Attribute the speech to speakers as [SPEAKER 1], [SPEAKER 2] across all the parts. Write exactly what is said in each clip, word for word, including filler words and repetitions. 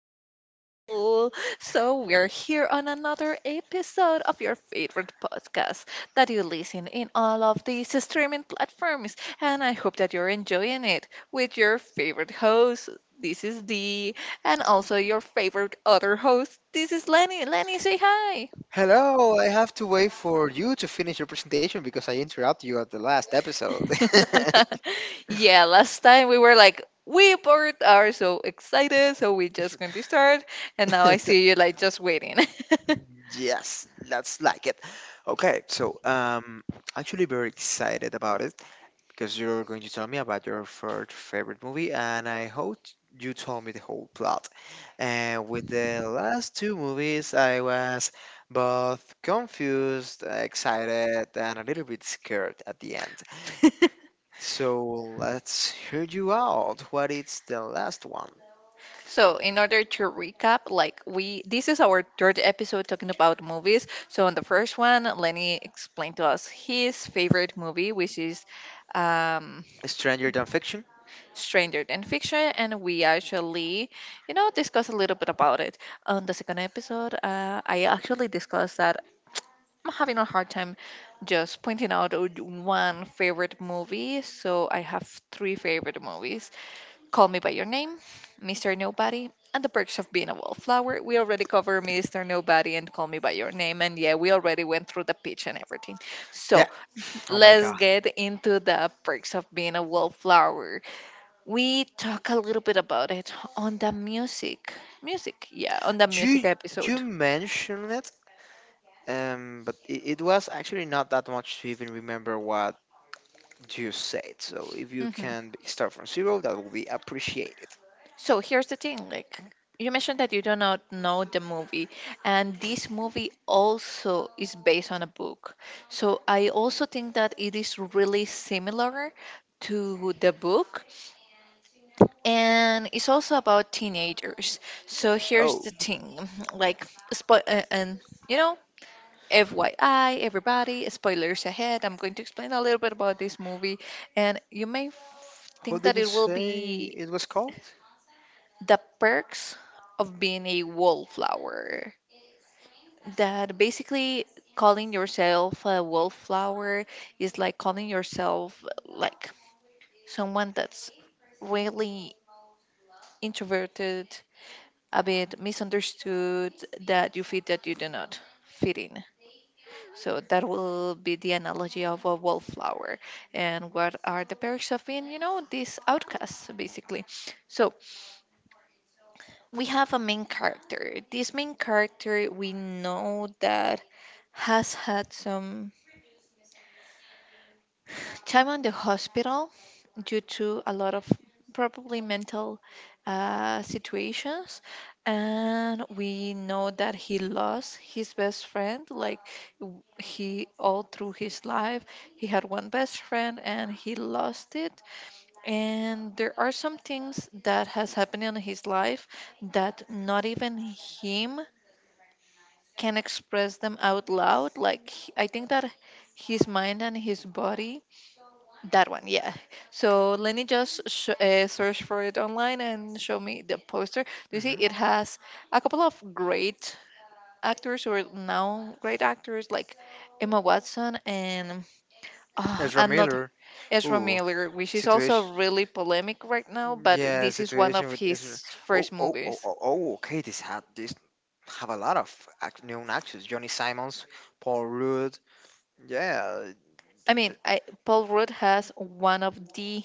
[SPEAKER 1] people. So, we're here on another episode of your favorite podcast that you listen in all of these streaming platforms. And I hope that you're enjoying it with your favorite host. This is Dee, and also your favorite other host. This is Lenny. Lenny, say hi.
[SPEAKER 2] Hello, I have to wait for you to finish your presentation because I interrupt you at the last episode.
[SPEAKER 1] Yeah, last time we were like, we both are so excited, so we just going to start. And now I see you like just waiting.
[SPEAKER 2] Yes, that's like it. Okay, so um actually very excited about it because you're going to tell me about your third favorite movie and I hope you told me the whole plot. And with the last two movies I was both confused, excited, and a little bit scared at the end. So let's hear you out. What is the last one?
[SPEAKER 1] So, in order to recap, like we this is our third episode talking about movies. So, on the first one, Lenny explained to us his favorite movie, which is um
[SPEAKER 2] Stranger Than Fiction?
[SPEAKER 1] Stranger Than Fiction, and we actually, you know, discussed a little bit about it. On the second episode, uh, I actually discussed that I'm having a hard time just pointing out o- one favorite movie. So I have three favorite movies: Call Me By Your Name, mister Nobody, and The Perks of Being a Wallflower. We already covered mister Nobody and Call Me By Your Name. And yeah, we already went through the pitch and everything. So
[SPEAKER 2] Yeah. Oh my
[SPEAKER 1] let's
[SPEAKER 2] god.
[SPEAKER 1] get into The Perks of Being a Wallflower. We talk a little bit about it on the music. Music, yeah, on the music
[SPEAKER 2] You you
[SPEAKER 1] episode.
[SPEAKER 2] mentioned it, um, but it, it was actually not that much to even remember what you said. So if you
[SPEAKER 1] hmm
[SPEAKER 2] can b- start from zero, that will be appreciated.
[SPEAKER 1] So here's the thing, like, you mentioned that you do not know the movie, and this movie also is based on a book. So I also think that it is really similar to the book, and it's also about teenagers. So here's
[SPEAKER 2] Oh,
[SPEAKER 1] the thing, like, spo- uh, and you know, F Y I, everybody, spoilers ahead. I'm going to explain a little bit about this movie, and you may f-
[SPEAKER 2] how
[SPEAKER 1] think
[SPEAKER 2] did
[SPEAKER 1] that
[SPEAKER 2] you
[SPEAKER 1] it will
[SPEAKER 2] say
[SPEAKER 1] be
[SPEAKER 2] it was called?
[SPEAKER 1] the perks of being a wallflower. That basically calling yourself a wallflower is like calling yourself like someone that's really introverted, a bit misunderstood, that you feel that you do not fit in. So that will be the analogy of a wallflower. And what are the perks of being, you know, these outcasts, basically? So we have a main character. This main character we know that has had some time on the hospital due to a lot of probably mental uh, situations. And we know that he lost his best friend. Like, w- he, all through his life, he had one best friend and he lost it. And there are some things that has happened in his life that not even him can express them out loud. Like, he- I think that his mind and his body that one, yeah. So let me just sh- uh, search for it online and show me the poster. Do you see
[SPEAKER 2] Hmm.
[SPEAKER 1] it has a couple of great actors or now great actors like Emma Watson and uh,
[SPEAKER 2] Ezra
[SPEAKER 1] another
[SPEAKER 2] Miller.
[SPEAKER 1] Ezra
[SPEAKER 2] Ooh,
[SPEAKER 1] Miller, which is also
[SPEAKER 2] situation.
[SPEAKER 1] really polemic right now, but
[SPEAKER 2] Yeah,
[SPEAKER 1] this is one
[SPEAKER 2] situation
[SPEAKER 1] of
[SPEAKER 2] with
[SPEAKER 1] his
[SPEAKER 2] Israel. Oh,
[SPEAKER 1] first
[SPEAKER 2] oh, oh,
[SPEAKER 1] movies.
[SPEAKER 2] oh, oh, okay. This had this have a lot of act- known actors: Johnny Simons, Paul Rudd. Yeah, the,
[SPEAKER 1] I mean,
[SPEAKER 2] the,
[SPEAKER 1] I, Paul Rudd has one of the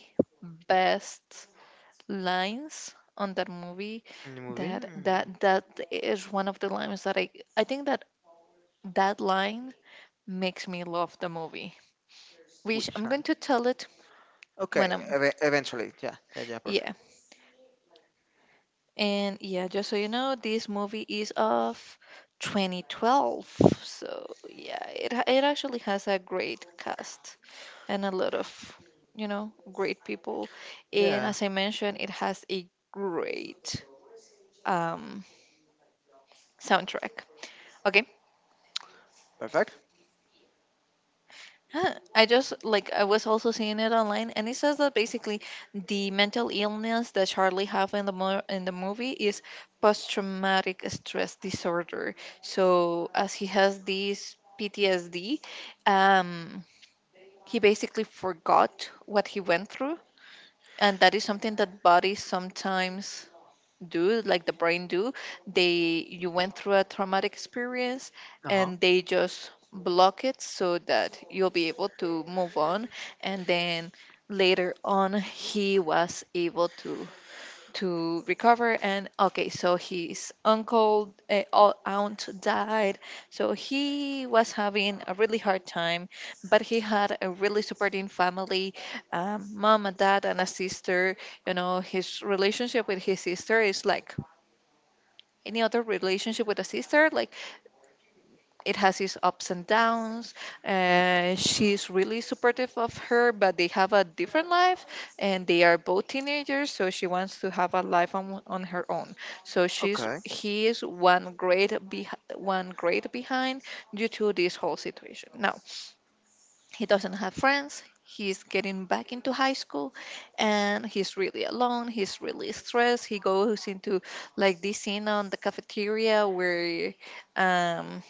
[SPEAKER 1] best lines on that movie,
[SPEAKER 2] the movie.
[SPEAKER 1] that
[SPEAKER 2] mm,
[SPEAKER 1] that that is one of the lines that I I think that that line makes me love the movie. Which
[SPEAKER 2] Which
[SPEAKER 1] I'm going
[SPEAKER 2] one?
[SPEAKER 1] to tell it when
[SPEAKER 2] Okay,
[SPEAKER 1] I'm,
[SPEAKER 2] ev- eventually. Yeah, yeah, yeah. Perfect.
[SPEAKER 1] yeah. And yeah, just so you know, this movie is of twenty twelve. So yeah, it ha- it actually has a great cast and a lot of, you know, great people. And
[SPEAKER 2] Yeah,
[SPEAKER 1] as I mentioned, it has a great um soundtrack. Okay,
[SPEAKER 2] perfect.
[SPEAKER 1] huh, I just like I was also seeing it online, and it says that basically the mental illness that Charlie have in the mo- in the movie is post traumatic stress disorder. So as he has this P T S D, um, he basically forgot what he went through, and that is something that bodies sometimes do, like the brain do. They, you went through a traumatic experience
[SPEAKER 2] Uh huh.
[SPEAKER 1] and they just block it so that you'll be able to move on, and then later on he was able to to recover. And okay, so his uncle, uh, au- aunt died, so he was having a really hard time, but he had a really supporting family, um, mom and dad and a sister. You know, his relationship with his sister is like any other relationship with a sister, like it has its ups and downs. Uh, she's really supportive of her, but they have a different life and they are both teenagers, so she wants to have a life on, on her own. So she's
[SPEAKER 2] Okay.
[SPEAKER 1] he is one grade be, one grade behind due to this whole situation. Now, he doesn't have friends. He's getting back into high school and he's really alone. He's really stressed. He goes into like this scene on the cafeteria where um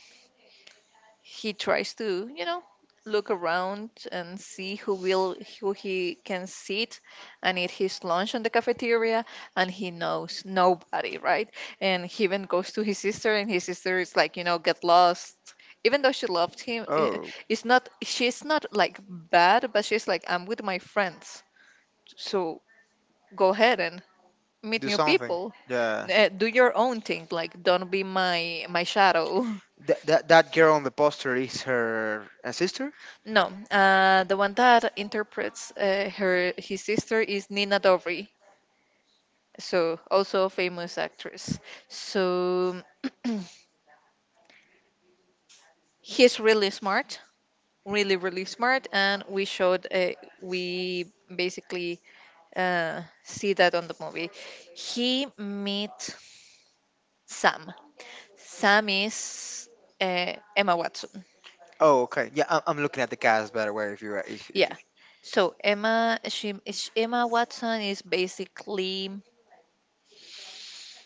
[SPEAKER 1] he tries to, you know, look around and see who will who he can sit and eat his lunch on the cafeteria, and he knows nobody, right? And he even goes to his sister, and his sister is like, you know, get lost. Even though she loved him, eh,
[SPEAKER 2] Oh,
[SPEAKER 1] it's not she's not like bad, but she's like, I'm with my friends, so go ahead and meet
[SPEAKER 2] do
[SPEAKER 1] new
[SPEAKER 2] something.
[SPEAKER 1] people.
[SPEAKER 2] Yeah.
[SPEAKER 1] Eh, do your own thing, like don't be my my shadow.
[SPEAKER 2] That that that girl on the poster is her uh, sister.
[SPEAKER 1] No, uh, the one that interprets uh, her his sister is Nina Dobry, so also a famous actress. So he's really smart, really really smart, and we showed uh, we basically uh, see that on the movie. He meet Sam. Sam is, uh, Emma Watson.
[SPEAKER 2] Oh, okay. Yeah, I'm, I'm looking at the cast by the way. If you if if
[SPEAKER 1] Yeah. So Emma, she, is- Emma Watson is basically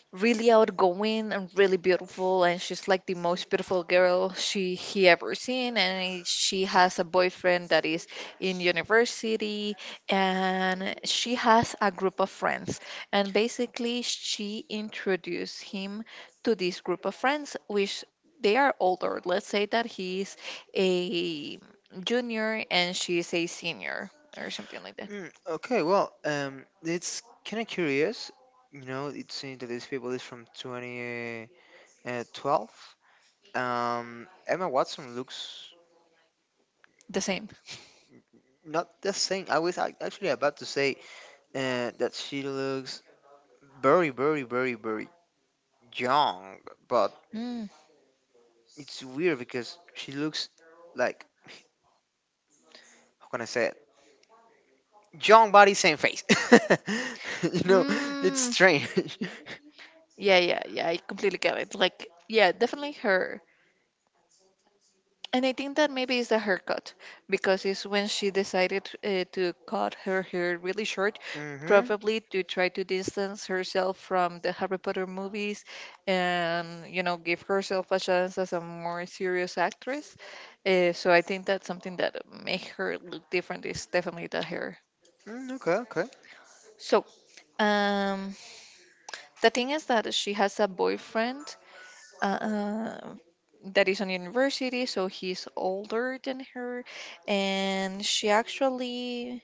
[SPEAKER 1] really outgoing and really beautiful, and she's like the most beautiful girl she he ever seen, and she has a boyfriend that is in university, and she has a group of friends, and basically she introduced him to this group of friends, which they are older. Let's say that he's a junior and she's a senior or something like that.
[SPEAKER 2] Mm, okay, well, um, it's kind of curious. You know, it seems that this people is from two thousand twelve. Uh, twelve. um, Emma Watson looks
[SPEAKER 1] The same.
[SPEAKER 2] not the same. I was ac- actually about to say uh, that she looks very, very, very, very young, but
[SPEAKER 1] Mm.
[SPEAKER 2] it's weird because she looks like, how can I say it? Young body, same face. You know, it's
[SPEAKER 1] Mm.
[SPEAKER 2] strange.
[SPEAKER 1] Yeah, yeah, yeah. I completely get it. Like, yeah, definitely her. And I think that maybe it's the haircut, because it's when she decided, uh, to cut her hair really short,
[SPEAKER 2] Mm-hmm.
[SPEAKER 1] probably to try to distance herself from the Harry Potter movies and, you know, give herself a chance as a more serious actress. Uh, so I think that's something that make her look different is definitely the hair.
[SPEAKER 2] Mm, okay, okay.
[SPEAKER 1] So, um, the thing is that she has a boyfriend, uh, that is on university, so he's older than her, and she actually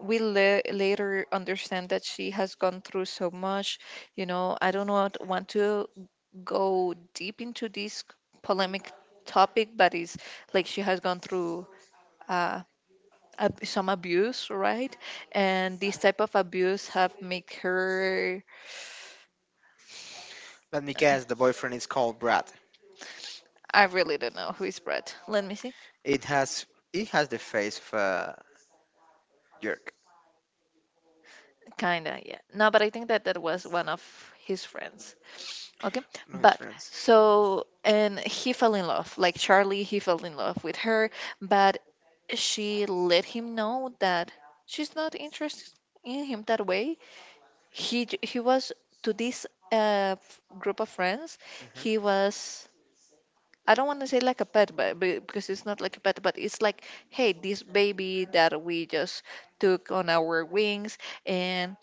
[SPEAKER 1] we la- later understand that she has gone through so much. You know, I don't want want to go deep into this polemic topic, but it's like she has gone through. Uh, ab- some abuse, right? And this type of abuse have make her,
[SPEAKER 2] Let me
[SPEAKER 1] uh,
[SPEAKER 2] guess, the boyfriend is called Brad.
[SPEAKER 1] I really don't know who is Brett, let me see.
[SPEAKER 2] It has he has the face of a jerk.
[SPEAKER 1] Kinda, yeah. No, but I think that that was one of his friends. Okay.
[SPEAKER 2] No, his
[SPEAKER 1] But
[SPEAKER 2] friends.
[SPEAKER 1] so, and he fell in love. Like Charlie, he fell in love with her, but she let him know that she's not interested in him that way. He j- he was to this uh f- group of friends,
[SPEAKER 2] Hmm.
[SPEAKER 1] he was, I don't want to say like a pet, but be- because it's not like a pet, but it's like, hey, this baby that we just took on our wings, and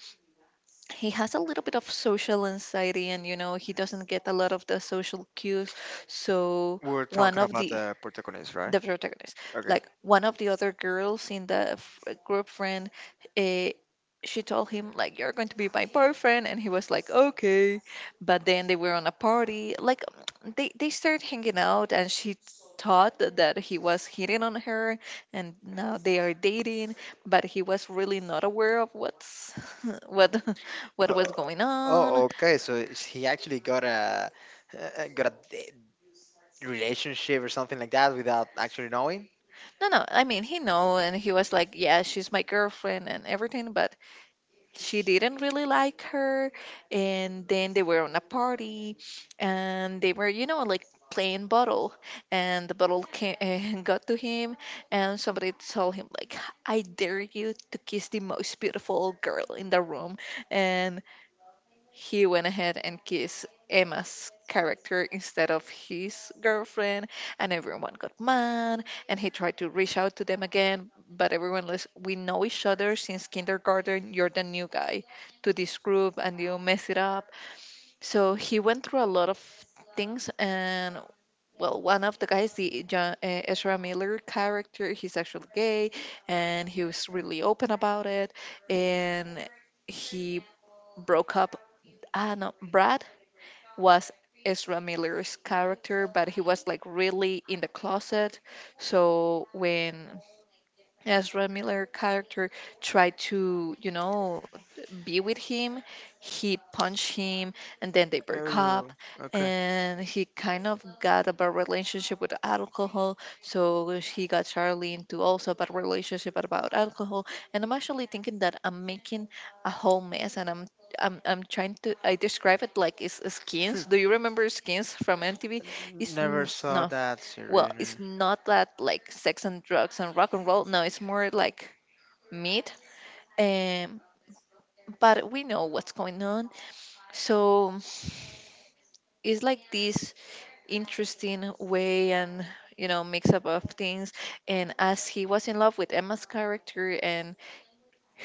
[SPEAKER 1] he has a little bit of social anxiety, and you know he doesn't get a lot of the social cues. So
[SPEAKER 2] We're
[SPEAKER 1] one
[SPEAKER 2] talking
[SPEAKER 1] of
[SPEAKER 2] about
[SPEAKER 1] the
[SPEAKER 2] the protagonist, right?
[SPEAKER 1] the protagonist.
[SPEAKER 2] Okay.
[SPEAKER 1] Like one of the other girls in the f- group friend, uh, she told him like, you're going to be my boyfriend, and he was like, okay. But then they were on a party. Like, they they started hanging out, and she thought that he was hitting on her, and now they are dating. But he was really not aware of what's what what
[SPEAKER 2] Uh,
[SPEAKER 1] was going
[SPEAKER 2] oh,
[SPEAKER 1] on.
[SPEAKER 2] okay. So is he actually got a uh, got a d- relationship or something like that without actually knowing.
[SPEAKER 1] No, no. I mean, he know, and he was like, yeah, she's my girlfriend and everything, but she didn't really like her, and then they were on a party, and they were, you know, like playing bottle, and the bottle came, got to him, and somebody told him like, I dare you to kiss the most beautiful girl in the room. And he went ahead and kissed Emma's character instead of his girlfriend, and everyone got mad. And he tried to reach out to them again, but everyone was, we know each other since kindergarten. You're the new guy to this group, and you mess it up. So he went through a lot of things, and well, one of the guys, the John, uh, Ezra Miller character, he's actually gay, and he was really open about it, and he broke up. Ah, no, Brad was Ezra Miller's character, but he was like really in the closet. So when as Red Miller character tried to, you know, be with him, he punched him, and then they broke
[SPEAKER 2] Oh,
[SPEAKER 1] up.
[SPEAKER 2] okay.
[SPEAKER 1] And he kind of got a bad relationship with alcohol. So he got Charlie into also a bad relationship about alcohol. And I'm actually thinking that I'm making a whole mess, and I'm I'm, I'm trying to I describe it like it's
[SPEAKER 2] Hmm.
[SPEAKER 1] skins. Do you remember skins from M T V? It's
[SPEAKER 2] Never
[SPEAKER 1] n-
[SPEAKER 2] saw
[SPEAKER 1] no,
[SPEAKER 2] that
[SPEAKER 1] well,
[SPEAKER 2] series. No.
[SPEAKER 1] it's not that like sex and drugs and rock and roll. No, it's more like meat. Um, but we know what's going on. So it's like this interesting way and you know mix up of things. And as he was in love with Emma's character and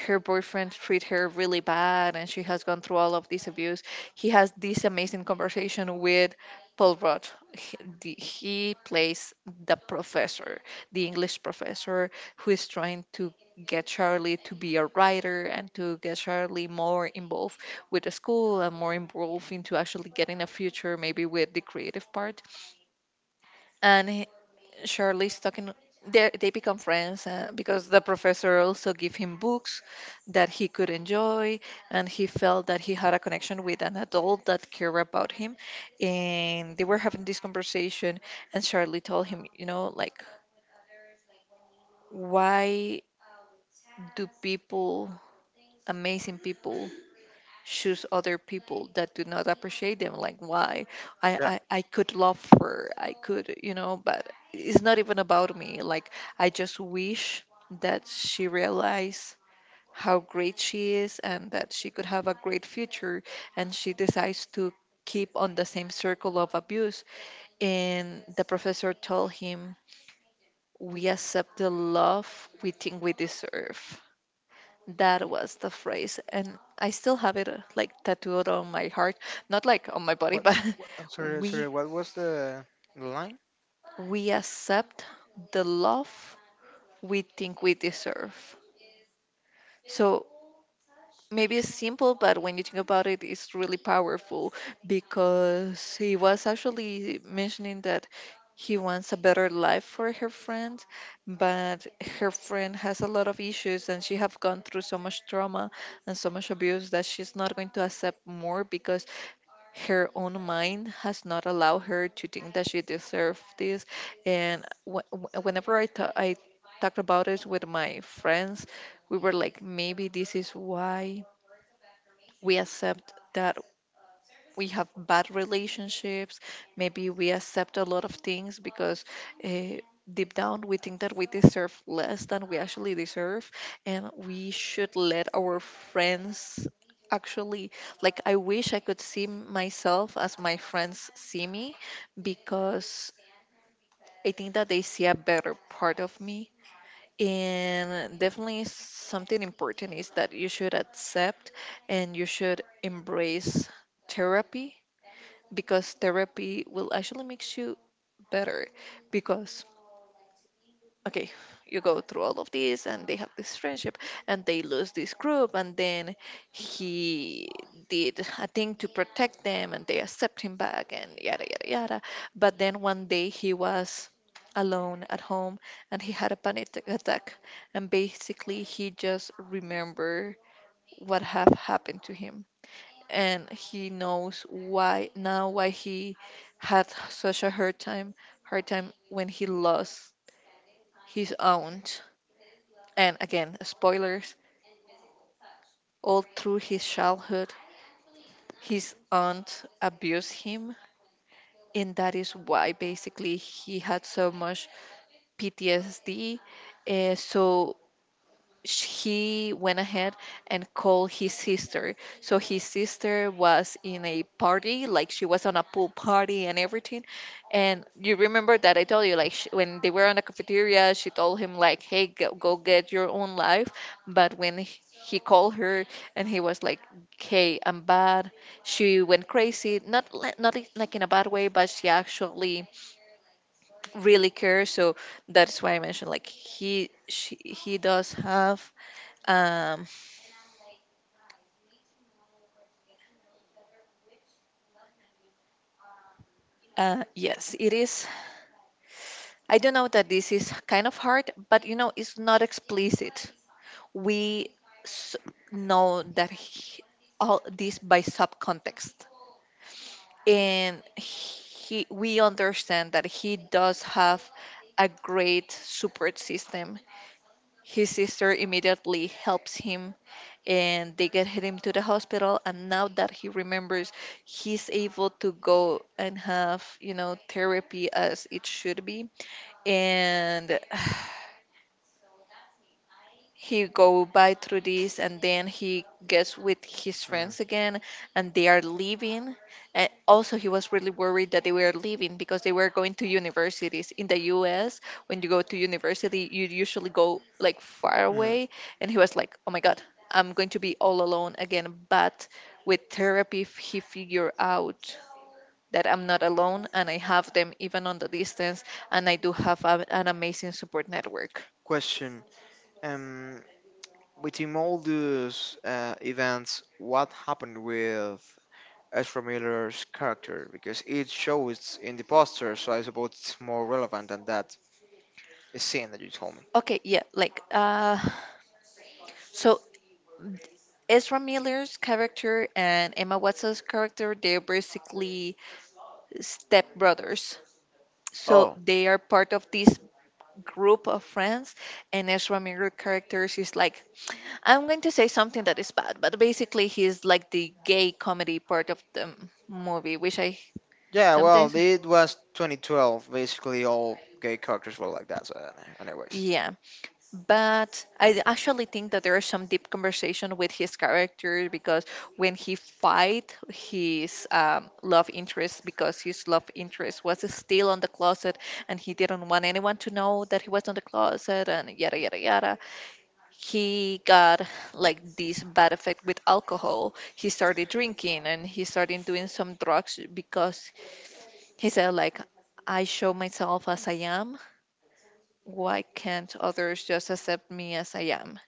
[SPEAKER 1] her boyfriend treat her really bad and she has gone through all of this abuse, he has this amazing conversation with Paul Rudd. He, the- he plays the professor, the English professor, who is trying to get Charlie to be a writer and to get Charlie more involved with the school and more involved into actually getting a future maybe with the creative part. And Charlie's talking. They they become friends, uh, because the professor also gave him books that he could enjoy, and he felt that he had a connection with an adult that cared about him. And they were having this conversation, and Charlie told him, you know, like, why do people, amazing people, choose other people that do not appreciate them? Like, why? I,
[SPEAKER 2] Yeah.
[SPEAKER 1] I i could love her. I could, you know but it's not even about me. Like, I just wish that she realized how great she is and that she could have a great future, and she decides to keep on the same circle of abuse. And the professor told him, "We accept the love we think we deserve." That was the phrase, and I still have it, uh, like, tattooed on my heart, not like on my body,
[SPEAKER 2] What,
[SPEAKER 1] but
[SPEAKER 2] what? I'm sorry. Sorry.
[SPEAKER 1] we
[SPEAKER 2] What was the the line?
[SPEAKER 1] we accept the love we think we deserve. So maybe it's simple, but when you think about it, it's really powerful, because he was actually mentioning that he wants a better life for her friend, but her friend has a lot of issues and she have gone through so much trauma and so much abuse that she's not going to accept more because her own mind has not allowed her to think that she deserved this. And wh- wh- whenever I ta- I talked about it with my friends, we were like, maybe this is why we accept that we have bad relationships. Maybe we accept a lot of things because uh, deep down we think that we deserve less than we actually deserve, and we should let our friends actually. Like, I wish I could see myself as my friends see me, because I think that they see a better part of me. And definitely something important is that you should accept and you should embrace therapy, because therapy will actually makes you better, because okay, you go through all of this and they have this friendship and they lose this group, and then he did a thing to protect them and they accept him back, and yada yada yada. But then one day he was alone at home and he had a panic attack, and basically he just remember what have happened to him, and he knows why now, why he had such a hard time hard time when he lost his aunt. And again, spoilers. All through his childhood his aunt abused him, and that is why basically he had so much P T S D. Uh, so sh- he went ahead and called his sister. So his sister was in a party, like she was on a pool party and everything. And you remember that I told you, like, sh when they were on the cafeteria, she told him like, "Hey, go, go get your own life." But when h- he called her and he was like, "Hey, I'm bad," she went crazy. Not li- not i- like in a bad way, but she actually really cares. So that's why I mentioned like he she, he does have um Uh, yes, it is. I do know that this is kind of hard, but you know, it's not explicit. We s- know that he, all this by subcontext, and he, we understand that he does have a great support system. His sister immediately helps him, and they get him to the hospital. And now that he remembers, he's able to go and have you know therapy as it should be. And he go by through this and then he gets with his
[SPEAKER 2] Uh,
[SPEAKER 1] friends again, and they are leaving. And also he was really worried that they were leaving, because they were going to universities in the U S. When you go to university you usually go like far
[SPEAKER 2] uh,
[SPEAKER 1] away, and he was like, "Oh my god, I'm going to be all alone again." But with therapy f- he figured out that I'm not alone, and I have them even on the distance, and I do have a, an amazing support network.
[SPEAKER 2] question. Um. Within all those uh, events, what happened with Ezra Miller's character? Because it shows in the poster, so I suppose it's more relevant than that scene that you told me.
[SPEAKER 1] Okay, yeah, like, uh so Ezra Miller's character and Emma Watson's character, they're basically stepbrothers. So
[SPEAKER 2] Oh,
[SPEAKER 1] they are part of this group of friends, and Ezra Miller characters is like, I'm going to say something that is bad, but basically he's like the gay comedy part of the m- movie, which I
[SPEAKER 2] yeah,
[SPEAKER 1] sometimes.
[SPEAKER 2] well, it was twenty twelve. Basically, all gay characters were like that, so, any- anyways.
[SPEAKER 1] Yeah. But I actually think that there is some deep conversation with his character, because when he fight his um, love interest, because his love interest was still on the closet, and he didn't want anyone to know that he was on the closet, and yada yada yada. He got like this bad effect with alcohol. He started drinking and he started doing some drugs, because he said like, I show myself as I am. Why can't others just accept me as I am?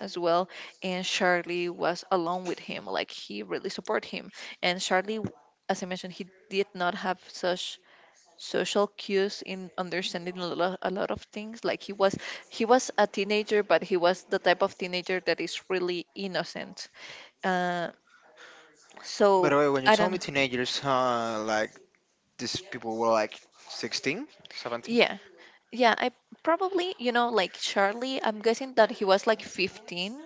[SPEAKER 1] As well. And Charlie was along with him, like he really supported him. And Charlie, as I mentioned, he did not have such social cues in understanding a lot, a lot of things. Like, he was he was a teenager, but he was the type of teenager that is really innocent. uh,
[SPEAKER 2] By
[SPEAKER 1] so
[SPEAKER 2] the way, when you
[SPEAKER 1] I
[SPEAKER 2] told
[SPEAKER 1] don't
[SPEAKER 2] me
[SPEAKER 1] know.
[SPEAKER 2] teenagers, uh, like, these people were like sixteen, seventeen,
[SPEAKER 1] Yeah, yeah, I probably, you know like Charlie, I'm guessing that he was like fifteen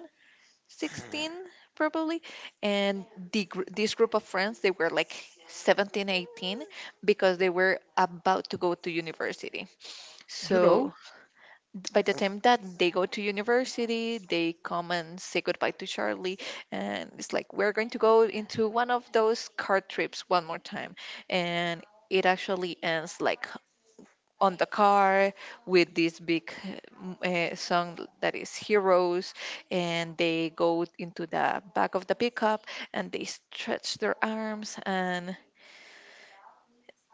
[SPEAKER 1] sixteen probably, and the, gr- this group of friends they were like seventeen eighteen, because they were about to go to university.
[SPEAKER 2] you know,
[SPEAKER 1] So th- by the time that they go to university they come and say goodbye to Charlie, and it's like we're going to go into one of those car trips one more time. And it actually ends like on the car with this big uh, song that is Heroes, and they go into the back of the pickup and they stretch their arms, and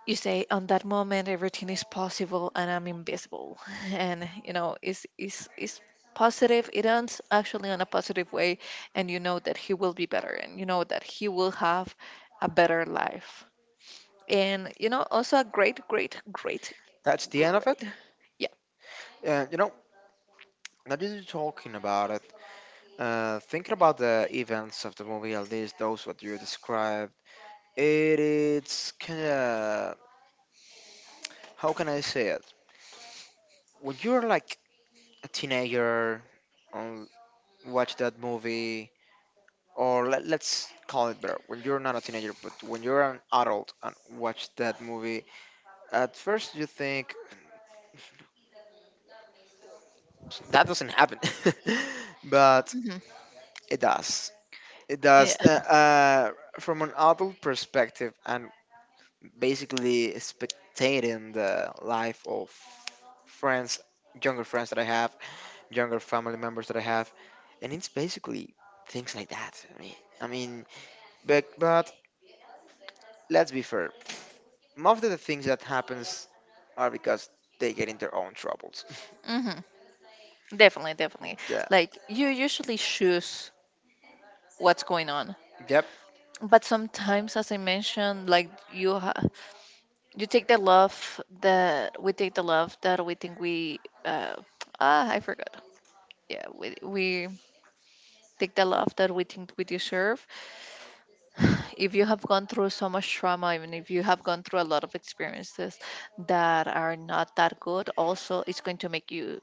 [SPEAKER 1] you say on that moment everything is possible and I'm invisible. And you know it's it's it's positive. It ends actually on a positive way, and you know that he will be better, and you know that he will have a better life. And you know also a great great great
[SPEAKER 2] that's the end of it.
[SPEAKER 1] great. Yeah.
[SPEAKER 2] Uh, you know, now that you're talking about it, Uh, thinking about the events of the movie, at least those what you described, it is kind of, how can I say it? When you're like a teenager, um, watch that movie, or let, let's call it better, when you're not a teenager, but when you're an adult and watch that movie, at first you think that doesn't happen, but
[SPEAKER 1] Mm-hmm.
[SPEAKER 2] it does. It
[SPEAKER 1] Yeah.
[SPEAKER 2] does. Uh, uh, from an adult perspective, and basically spectating the life of friends, younger friends that I have, younger family members that I have, and it's basically things like that. I mean, I mean, but but let's be fair. Most of the things that happens are because they get in their own troubles.
[SPEAKER 1] Hmm. Definitely, definitely.
[SPEAKER 2] Yeah.
[SPEAKER 1] Like you usually choose what's going on.
[SPEAKER 2] Yep.
[SPEAKER 1] But sometimes, as I mentioned, like you, ha- you take the love that we take the love that we think we, uh, ah, I forgot. Yeah, we we take the love that we think we deserve. If you have gone through so much trauma, even if you have gone through a lot of experiences that are not that good, also it's going to make you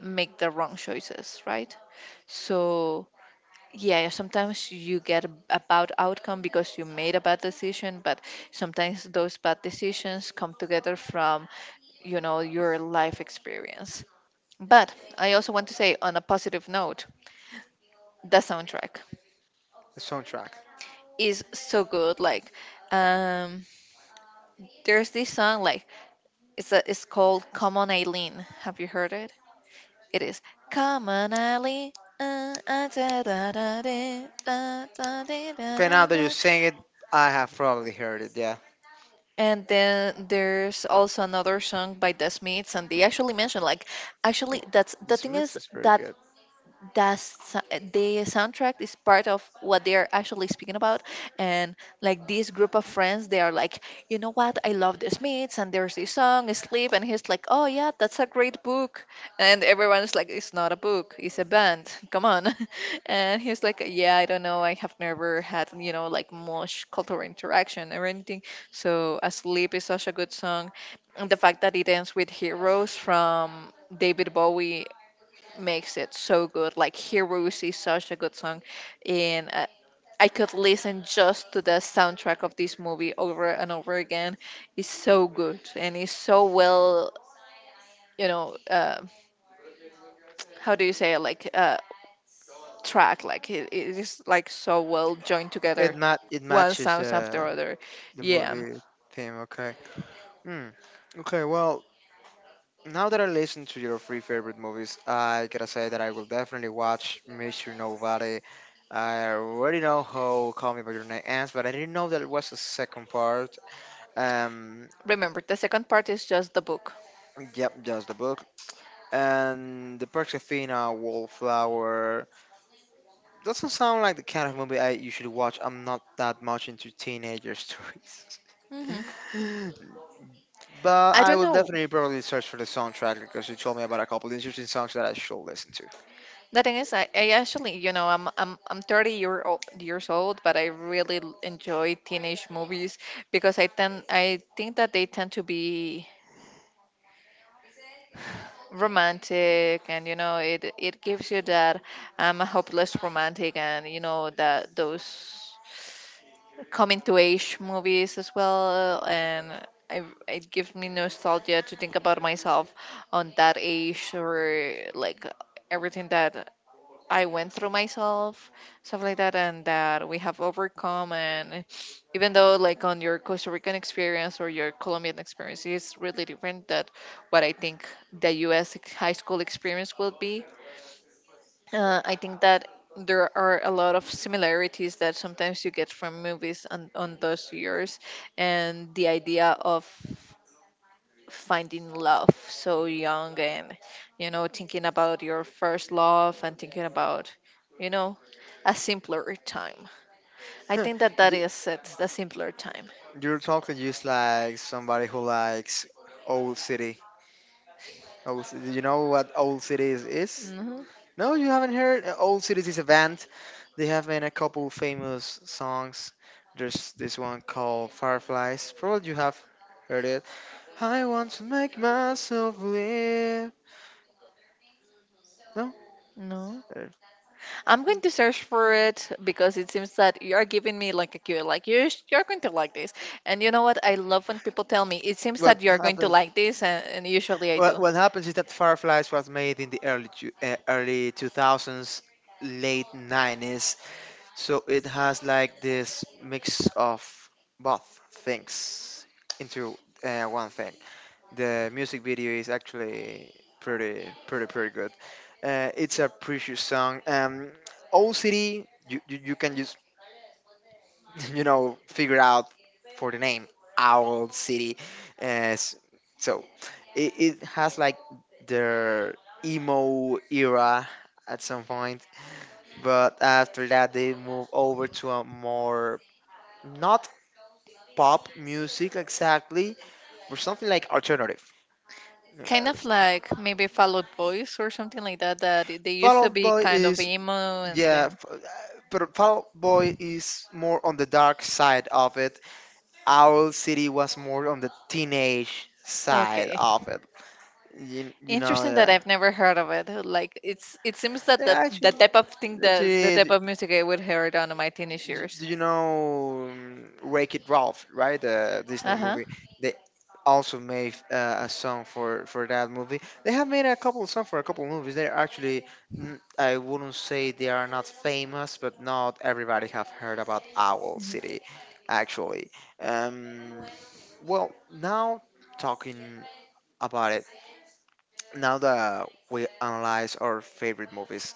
[SPEAKER 1] make the wrong choices, right? So yeah, sometimes you get a a bad outcome because you made a bad decision, but sometimes those bad decisions come together from you know your life experience. But I also want to say on a positive note, the soundtrack
[SPEAKER 2] The soundtrack.
[SPEAKER 1] is so good. Like, um, there's this song like it's a, it's called "Come On Eileen." Have you heard it? It is Come on, Ali. Uh, uh, da, da, da, de, da, da, de, da,
[SPEAKER 2] Okay,
[SPEAKER 1] da,
[SPEAKER 2] now that you're
[SPEAKER 1] da.
[SPEAKER 2] saying it, I have probably heard it. Yeah.
[SPEAKER 1] And then there's also another song by The Smiths, and they actually mentioned like, actually,
[SPEAKER 2] Oh,
[SPEAKER 1] that's the
[SPEAKER 2] this
[SPEAKER 1] thing
[SPEAKER 2] match
[SPEAKER 1] is
[SPEAKER 2] is very
[SPEAKER 1] that
[SPEAKER 2] good.
[SPEAKER 1] the s- the soundtrack is part of what they are actually speaking about. And like this group of friends they are like, you know what, I love The Smiths. And there's this song Sleep, and he's like, oh yeah, that's a great book. And everyone's like, it's not a book, it's a band. Come on. And he's like, yeah, I don't know, I have never had, you know like, much cultural interaction or anything. So uh, Sleep is such a good song. And the fact that it ends with Heroes from David Bowie makes it so good. Like Heroes is such a good song, and uh, I could listen just to the soundtrack of this movie over and over again. It's so good, and it's so well, you know, uh, how do you say it? Like, uh, track, like it, it is like so well joined
[SPEAKER 2] It
[SPEAKER 1] together,
[SPEAKER 2] mat it
[SPEAKER 1] one
[SPEAKER 2] matches
[SPEAKER 1] sounds after
[SPEAKER 2] the
[SPEAKER 1] other.
[SPEAKER 2] the
[SPEAKER 1] Yeah.
[SPEAKER 2] movie theme. Okay. Hmm. Okay, well, now that I listened to your three favorite movies, I gotta say that I will definitely watch Mister Nobody. I already know how Call Me by Your Name ends, but I didn't know that it was a second part. Um,
[SPEAKER 1] Remember, the second part is just the book.
[SPEAKER 2] yep, just the book. And the Perks of Athena, Wallflower. Doesn't sound like the kind of movie I usually watch. I'm not that much into teenager stories.
[SPEAKER 1] hmm
[SPEAKER 2] But
[SPEAKER 1] I
[SPEAKER 2] I
[SPEAKER 1] don't
[SPEAKER 2] will
[SPEAKER 1] know
[SPEAKER 2] definitely probably search for the soundtrack because you told me about a couple interesting songs that I should listen
[SPEAKER 1] The thing is, I, I actually, you know, I'm I'm I'm thirty year old, years old, but I really l- enjoy teenage movies because I tend I think that they tend to be romantic. And you know, it it gives you that. I'm a hopeless romantic, and you know that those coming to age movies as well. And I, it gives me nostalgia to think about myself on that age, or like everything that I went through myself, stuff like that, and that we have overcome. And even though, like, on your Costa Rican experience or your Colombian experience is really different than what I think the U S ex- high school experience will be, uh, I think that there are a lot of similarities that sometimes you get from movies on, on those years, and the idea of finding love so young, and you know, thinking about your first love, and thinking about, you know a simpler time. I
[SPEAKER 2] to.
[SPEAKER 1] think that that
[SPEAKER 2] Do,
[SPEAKER 1] is it the simpler time.
[SPEAKER 2] You're talking just like somebody who likes Old City. Old, Ci- do you know what Old Cities is?
[SPEAKER 1] hmm
[SPEAKER 2] No, you haven't heard? Uh, Old Cities is a band. They have made a couple famous songs. There's this one called Fireflies. Probably you have heard it. I want to make myself live. No?
[SPEAKER 1] no,
[SPEAKER 2] Uh,
[SPEAKER 1] I'm going to search for it, because it seems that you are giving me like a cue, like you sh- you're going to like this. And you know what, I love when people tell me it seems
[SPEAKER 2] what
[SPEAKER 1] that you're going to
[SPEAKER 2] happens?
[SPEAKER 1] like this, and, and usually I do.
[SPEAKER 2] What, what happens is that Fireflies was made in the early two- uh, early two thousands, late nineties. So it has like this mix of both things into uh, one thing. The music video is actually pretty, pretty, pretty good. Uh, it's a precious song. Um, Owl City, you, you, you can just, you know, figure out for the name Owl City. Uh, s- so it, it has like their emo era at some point, but after that they move over to a more not pop music exactly, but something like alternative.
[SPEAKER 1] Kind
[SPEAKER 2] Uh,
[SPEAKER 1] of like maybe Fall Out Boys or something like that, that they
[SPEAKER 2] Fall
[SPEAKER 1] used to
[SPEAKER 2] Out
[SPEAKER 1] be
[SPEAKER 2] Boy
[SPEAKER 1] kind of
[SPEAKER 2] is,
[SPEAKER 1] emo and
[SPEAKER 2] yeah,
[SPEAKER 1] then,
[SPEAKER 2] f- uh, but Fall Out Boy is more on the dark side of it. Owl City was more on the teenage side
[SPEAKER 1] okay.
[SPEAKER 2] of it. You, you know,
[SPEAKER 1] Interesting that
[SPEAKER 2] yeah.
[SPEAKER 1] I've never heard of it. Like, it's it seems that the,
[SPEAKER 2] Yeah,
[SPEAKER 1] the
[SPEAKER 2] actually,
[SPEAKER 1] type of thing, that the type
[SPEAKER 2] actually,
[SPEAKER 1] of music I would hear down in my teenage
[SPEAKER 2] Y-
[SPEAKER 1] years.
[SPEAKER 2] do you know um, Wreck It Ralph, right? The
[SPEAKER 1] Uh
[SPEAKER 2] Disney
[SPEAKER 1] huh.
[SPEAKER 2] movie. They also made uh, a song for for that movie. They have made a couple song for a couple movies. They're actually, n- I wouldn't say they are not famous, but not everybody have heard about Owl City, actually. Um, well, now talking about it, now that we analyze our favorite movies,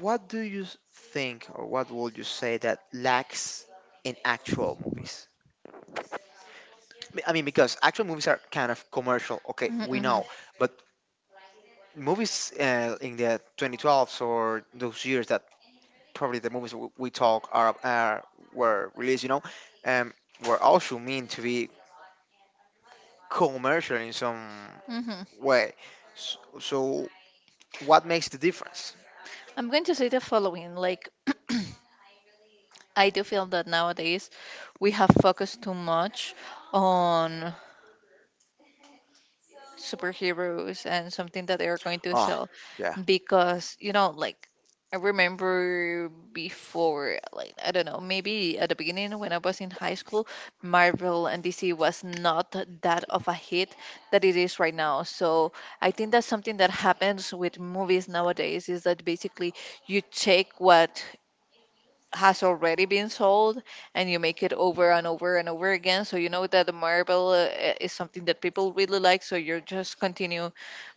[SPEAKER 2] what do you s- think, or what would you say that lacks in actual movies? B- I mean, because actual movies are kind of commercial, okay, we
[SPEAKER 1] Mm-hmm.
[SPEAKER 2] know, but movies uh, in the twenty twelves or those years that probably the movies w- we talk are, are were released, you know, um, were also meant to be commercial in some
[SPEAKER 1] hmm hmm
[SPEAKER 2] way. So, so what makes the difference?
[SPEAKER 1] I'm going to say the following. Like, I do feel that nowadays we have focused too much on superheroes and something that they are going to
[SPEAKER 2] Ah,
[SPEAKER 1] sell.
[SPEAKER 2] yeah.
[SPEAKER 1] Because you know, like, I remember before, like I don't know, maybe at the beginning when I was in high school, Marvel and DC was not that of a hit that it is right now. So I think that's something that happens with movies nowadays, is that basically you take what has already been sold, and you make it over and over and over again. So you know that the Marvel, uh, is something that people really like, so you just continue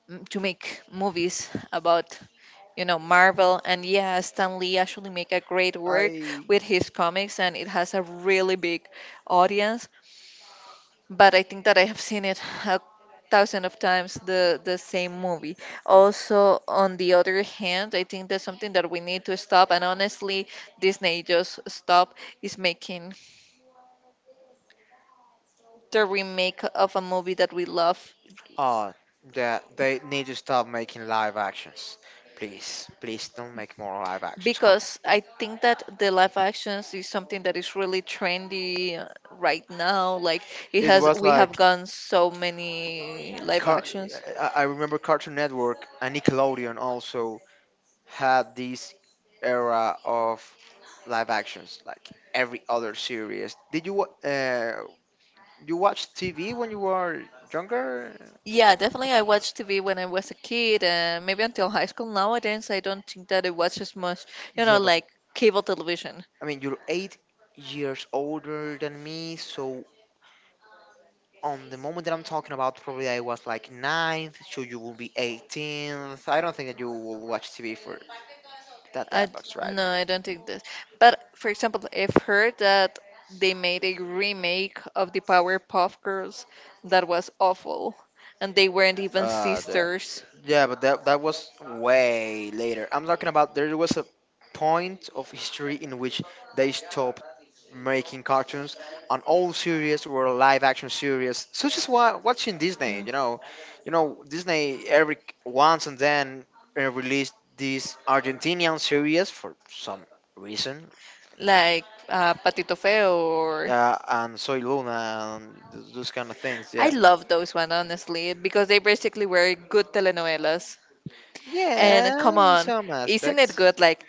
[SPEAKER 1] m- to make movies about, you know, Marvel. And yeah, Stan Lee actually make a great work
[SPEAKER 2] I
[SPEAKER 1] with his comics, and it has a really big audience. But I think that I have seen it a thousand of times the the same movie. Also, on the other hand, I think that's something that we need to stop. And honestly, Disney, just stop. Is making the remake of a movie that we love,
[SPEAKER 2] Oh, that they need to stop making live actions. Please, please don't make more live actions. Come on.
[SPEAKER 1] because I think that the live actions is something that is really trendy uh, right now. Like, it
[SPEAKER 2] It
[SPEAKER 1] has,
[SPEAKER 2] was
[SPEAKER 1] we have
[SPEAKER 2] like
[SPEAKER 1] gone so many live
[SPEAKER 2] Car-
[SPEAKER 1] actions.
[SPEAKER 2] I I remember Cartoon Network and Nickelodeon also had this era of live actions, like every other series. Did you wa- uh, you watch T V when you were younger?
[SPEAKER 1] Yeah, definitely. I watched T V when I was a kid, and maybe until high school. Nowadays, I don't think that I watch as much. You
[SPEAKER 2] Yeah,
[SPEAKER 1] know,
[SPEAKER 2] but
[SPEAKER 1] like, cable television.
[SPEAKER 2] I mean you're eight years older than me, so on the moment that I'm talking about, probably I was like ninth, so you will be eighteenth. I don't think that you will watch T V for that
[SPEAKER 1] I d-
[SPEAKER 2] epoch, right?
[SPEAKER 1] no, I don't think that. But for example, I've heard that they made a remake of the Powerpuff Girls that was awful, and they weren't even
[SPEAKER 2] Uh, yeah,
[SPEAKER 1] sisters.
[SPEAKER 2] yeah, but that that was way later. I'm talking about there was a point of history in which they stopped making cartoons and all series were live action series such as what watching Disney. You know you know disney every once and then, uh, released this Argentinian series for some reason.
[SPEAKER 1] Like, uh, Patito Feo, or
[SPEAKER 2] Yeah, and Soy Luna and th- those kind of things.
[SPEAKER 1] I
[SPEAKER 2] Yeah,
[SPEAKER 1] love those one, honestly, because they basically were good telenovelas.
[SPEAKER 2] yeah,
[SPEAKER 1] And come
[SPEAKER 2] in
[SPEAKER 1] on,
[SPEAKER 2] some
[SPEAKER 1] isn't it
[SPEAKER 2] aspects.
[SPEAKER 1] good? Like,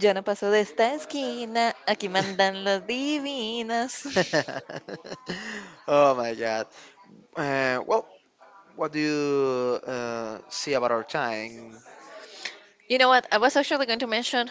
[SPEAKER 1] yo no paso de esta esquina, aquí mandan las divinas.
[SPEAKER 2] Oh my god. Uh, well, what do you uh, see about our time?
[SPEAKER 1] You know what? I was actually going to mention,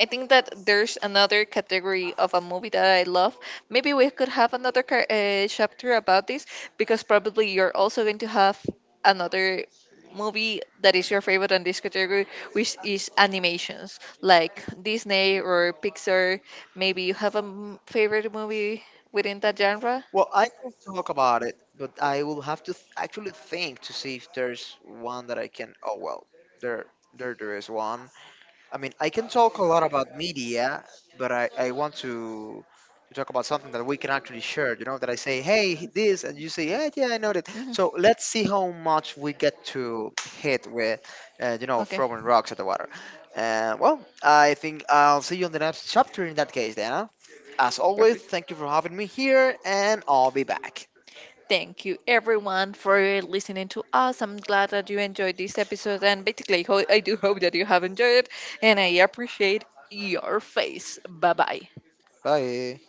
[SPEAKER 1] I think that there's another category of a movie that I love. Maybe we could have another ca- uh, chapter about this, because probably you're also going to have another movie that is your favorite on this category, which is animations like Disney or Pixar. Maybe you have a m- favorite movie within that genre.
[SPEAKER 2] Well, I could talk about it, but I will have to th- actually think to see if there's one that I can. Oh well, there, there, there is one. I mean, I can talk a lot about media, but I, I want to to talk about something that we can actually share. You know, that I say, hey, this, and you say, yeah, yeah, I know that.
[SPEAKER 1] hmm
[SPEAKER 2] So let's see how much we get to hit with, uh, you know,
[SPEAKER 1] Okay,
[SPEAKER 2] throwing rocks at the water. Uh, well, I think I'll see you on the next chapter in that case, Dana. As always,
[SPEAKER 1] perfect.
[SPEAKER 2] thank you for having me here, and I'll be back.
[SPEAKER 1] Thank you, everyone, for listening to us. I'm glad that you enjoyed this episode, and basically, ho- I do hope that you have enjoyed it, and I appreciate your face. Bye bye.
[SPEAKER 2] Bye.